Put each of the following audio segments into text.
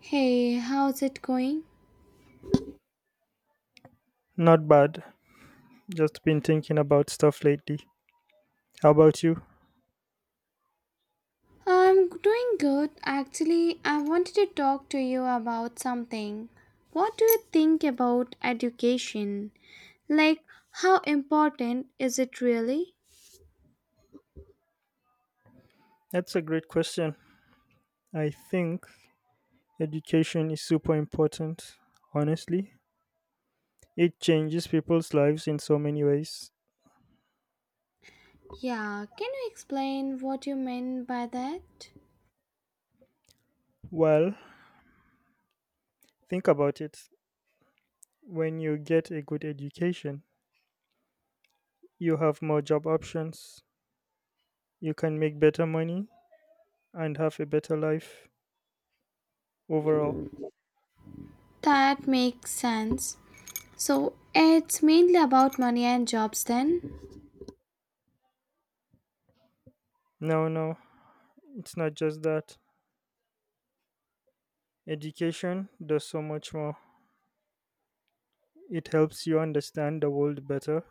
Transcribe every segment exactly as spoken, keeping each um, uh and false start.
Hey, how's it going? Not bad. Just been thinking about stuff lately. How about you? I'm doing good. Actually, I wanted to talk to you about something. What do you think about education? Like, how important is it really? That's a great question. I think education is super important, honestly. It changes people's lives in so many ways. Yeah, can you explain what you mean by that? Well, think about it. When you get a good education, you have more job options, you can make better money, and have a better life overall. That makes sense. So, it's mainly about money and jobs then? No, no, it's not just that. Education does so much more. It helps you understand the world better.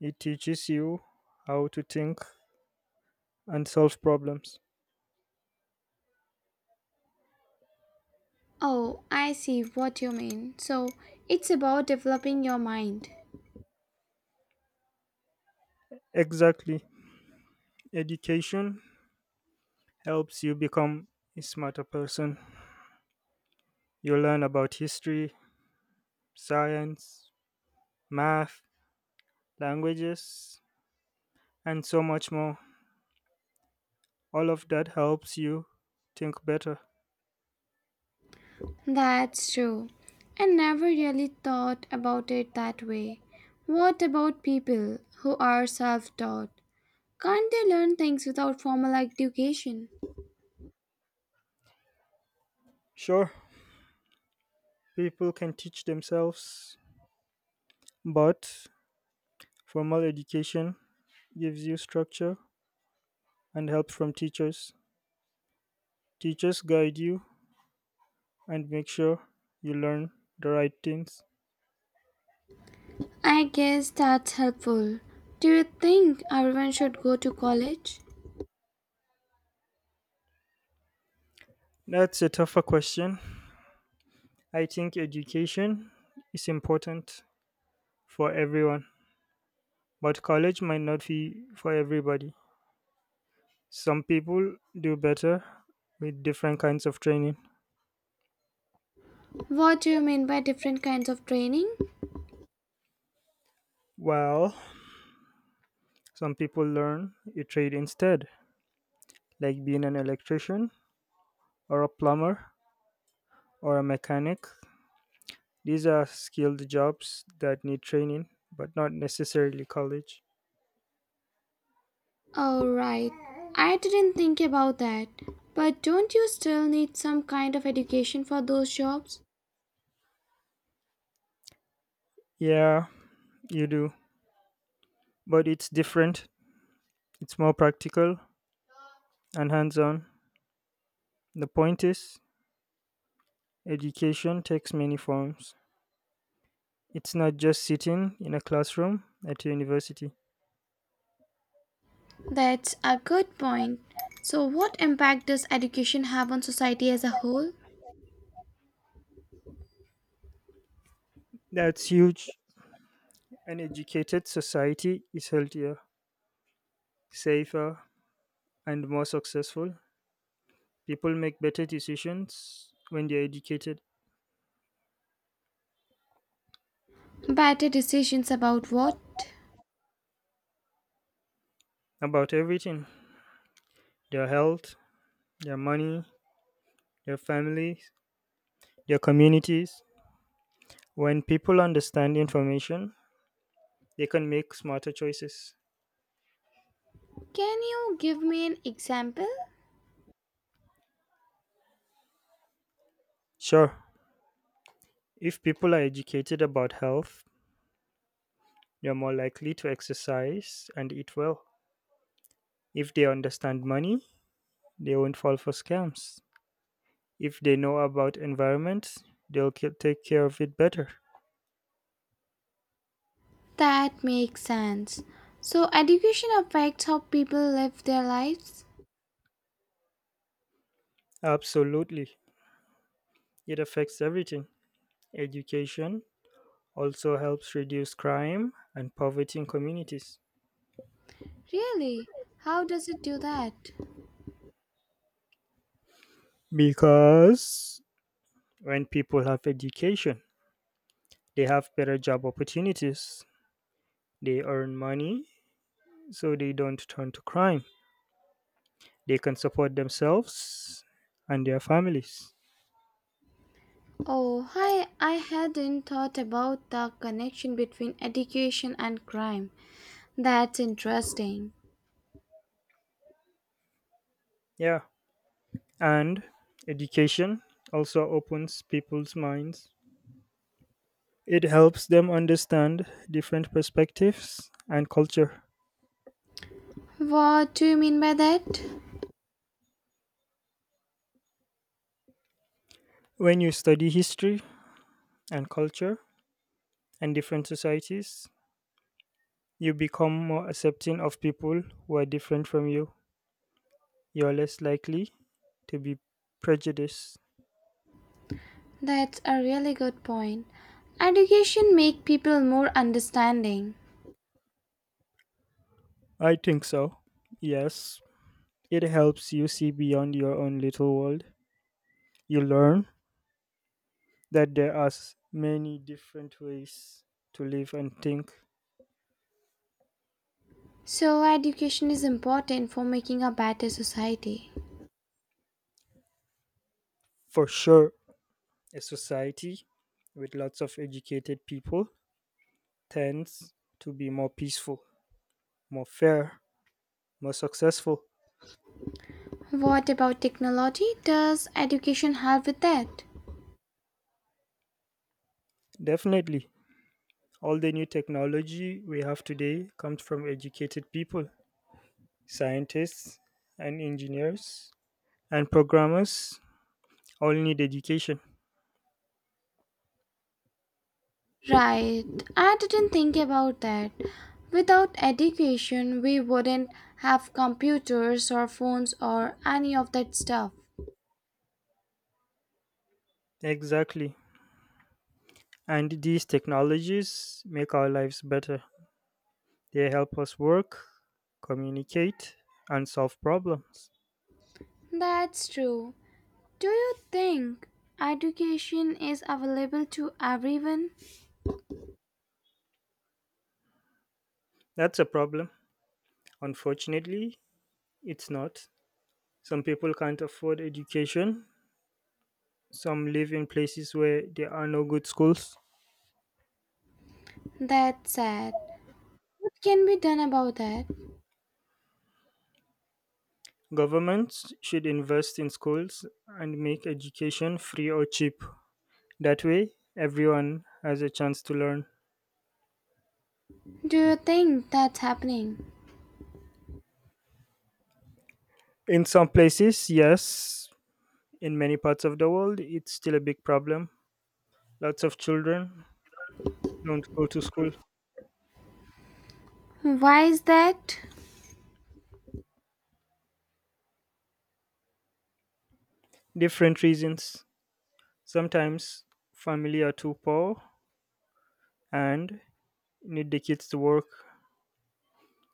It teaches you how to think and solve problems. Oh, I see what you mean. So, it's about developing your mind. Exactly. Education helps you become a smarter person. You learn about history, science, math, languages, and so much more. All of that helps you think better. That's true. I never really thought about it that way. What about people who are self taught? Can't they learn things without formal education? Sure, people can teach themselves, but formal education gives you structure and help from teachers. Teachers guide you and make sure you learn the right things. I guess that's helpful. Do you think everyone should go to college? That's a tougher question. I think education is important for everyone, but college might not be for everybody. Some people do better with different kinds of training, What do you mean by different kinds of training? while some people learn a trade instead, like being an electrician or a plumber or a mechanic. These are skilled jobs that need training, but not necessarily college. Oh, right. I didn't think about that. But don't you still need some kind of education for those jobs? Yeah, you do, but it's different. It's more practical and hands on. The point is, education takes many forms. It's not just sitting in a classroom at a university. That's a good point. So, what impact does education have on society as a whole? That's huge. An educated society is healthier, safer, and more successful. People make better decisions when they're educated Better decisions about what? about everything: their health, their money, their families, their communities. When people understand information, they can make smarter choices. Can you give me an example? Sure, if people are educated about health, they're more likely to exercise and eat well. If they understand money, they won't fall for scams. If they know about environment, they'll ca- take care of it better. That makes sense. So, education affects how people live their lives? Absolutely. It affects everything. Education also helps reduce crime and poverty in communities. Really? How does it do that? Because when people have education, they have better job opportunities, they earn money, so they don't turn to crime. They can support themselves and their families. Oh, I, I hadn't thought about the connection between education and crime. That's interesting. Yeah. And education also opens people's minds. It helps them understand different perspectives and culture. What do you mean by that? When you study history and culture and different societies, you become more accepting of people who are different from you. You're less likely to be prejudiced. That's a really good point. Education make people more understanding. I think so. Yes. It helps you see beyond your own little world. You learn that there are s- many different ways to live and think. So education is important for making a better society. For sure, a society with lots of educated people tends to be more peaceful, more fair, more successful. What about technology? Does education help with that? Definitely, all the new technology we have today comes from educated people. Scientists and engineers and programmers all need education. Right. I didn't think about that. Without education, we wouldn't have computers or phones or any of that stuff. Exactly. And these technologies make our lives better. They help us work, communicate, and solve problems. That's true. Do you think education is available to everyone? That's a problem. Unfortunately, it's not. Some people can't afford education. Some live in places where there are no good schools. That's sad. What can be done about that? Governments should invest in schools and make education free or cheap. That way, everyone has a chance to learn. Do you think that's happening? In some places, yes. In many parts of the world, it's still a big problem. Lots of children don't go to school. Why is that? Different reasons. Sometimes family are too poor and need the kids to work.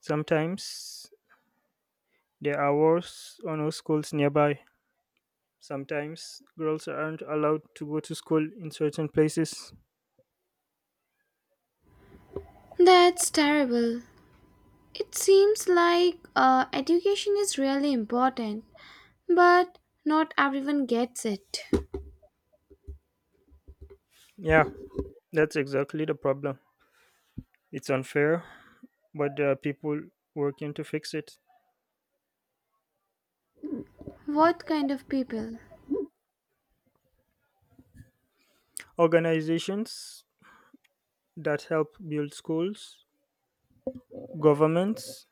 Sometimes there are wars or no schools nearby. Sometimes girls aren't allowed to go to school in certain places. That's terrible. It seems like uh, education is really important, but not everyone gets it. Yeah, that's exactly the problem. It's unfair, but there are people working to fix it. What kind of people? Organizations that help build schools, governments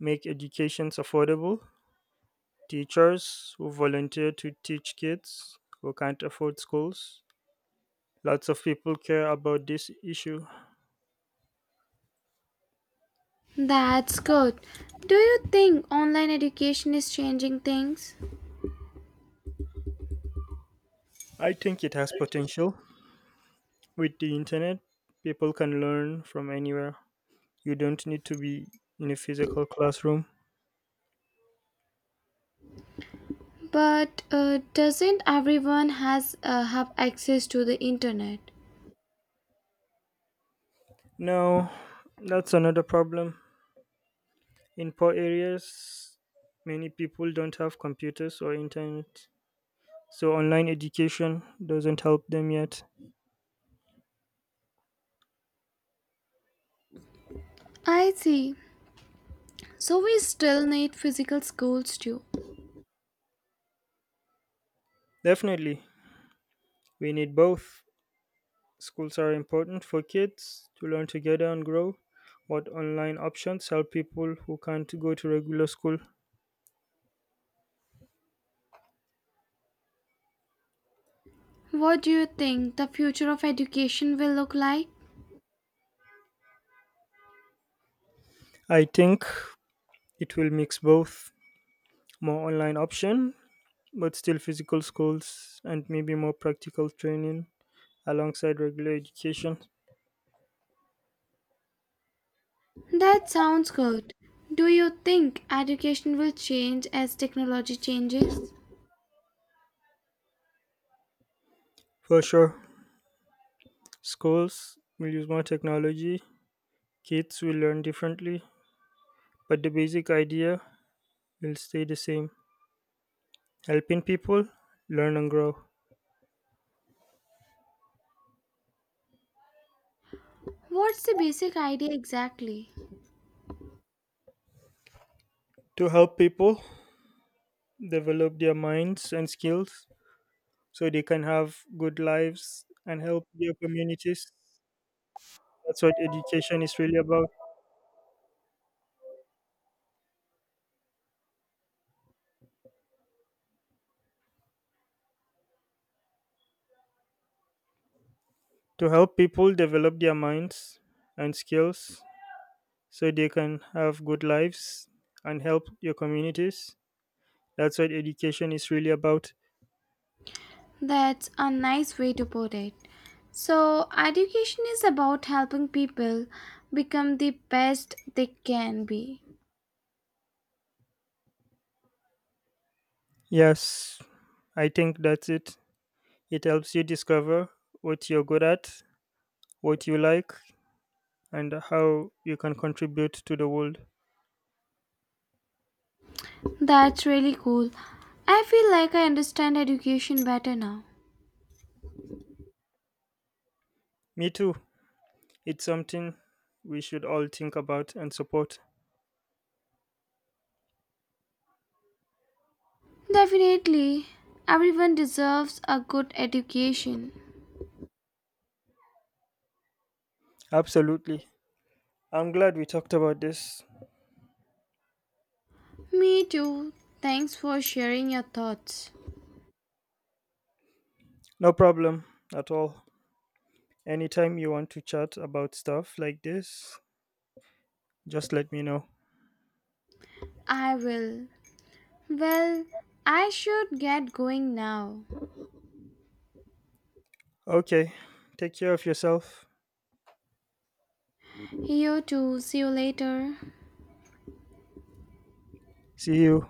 make educations affordable, teachers who volunteer to teach kids who can't afford schools. Lots of people care about this issue. That's good. Do you think online education is changing things? I think it has potential. With the internet, people can learn from anywhere. You don't need to be in a physical classroom. But uh, doesn't everyone has uh, have access to the internet? No, that's another problem. In poor areas, many people don't have computers or internet, so online education doesn't help them yet. I see. So we still need physical schools too. Definitely, we need both. Schools are important for kids to learn together and grow, but online options help people who can't go to regular school. What do you think the future of education will look like? I think it will mix both, more online option, but still physical schools and maybe more practical training alongside regular education. That sounds good. Do you think education will change as technology changes? For sure, schools will use more technology, kids will learn differently, but the basic idea will stay the same, helping people learn and grow. What's the basic idea exactly? To help people develop their minds and skills so they can have good lives and help their communities. That's what education is really about, to help people develop their minds and skills so they can have good lives and help your communities. That's what education is really about. That's a nice way to put it. So, education is about helping people become the best they can be. Yes, I think that's it. It helps you discover what you're good at, what you like, and how you can contribute to the world. That's really cool. I feel like I understand education better now. Me too. It's something we should all think about and support. Definitely, everyone deserves a good education. Absolutely. I'm glad we talked about this. Me too. Thanks for sharing your thoughts. No problem at all. Anytime you want to chat about stuff like this, just let me know. I will. Well, I should get going now. Okay, take care of yourself. You too. See you later. See you.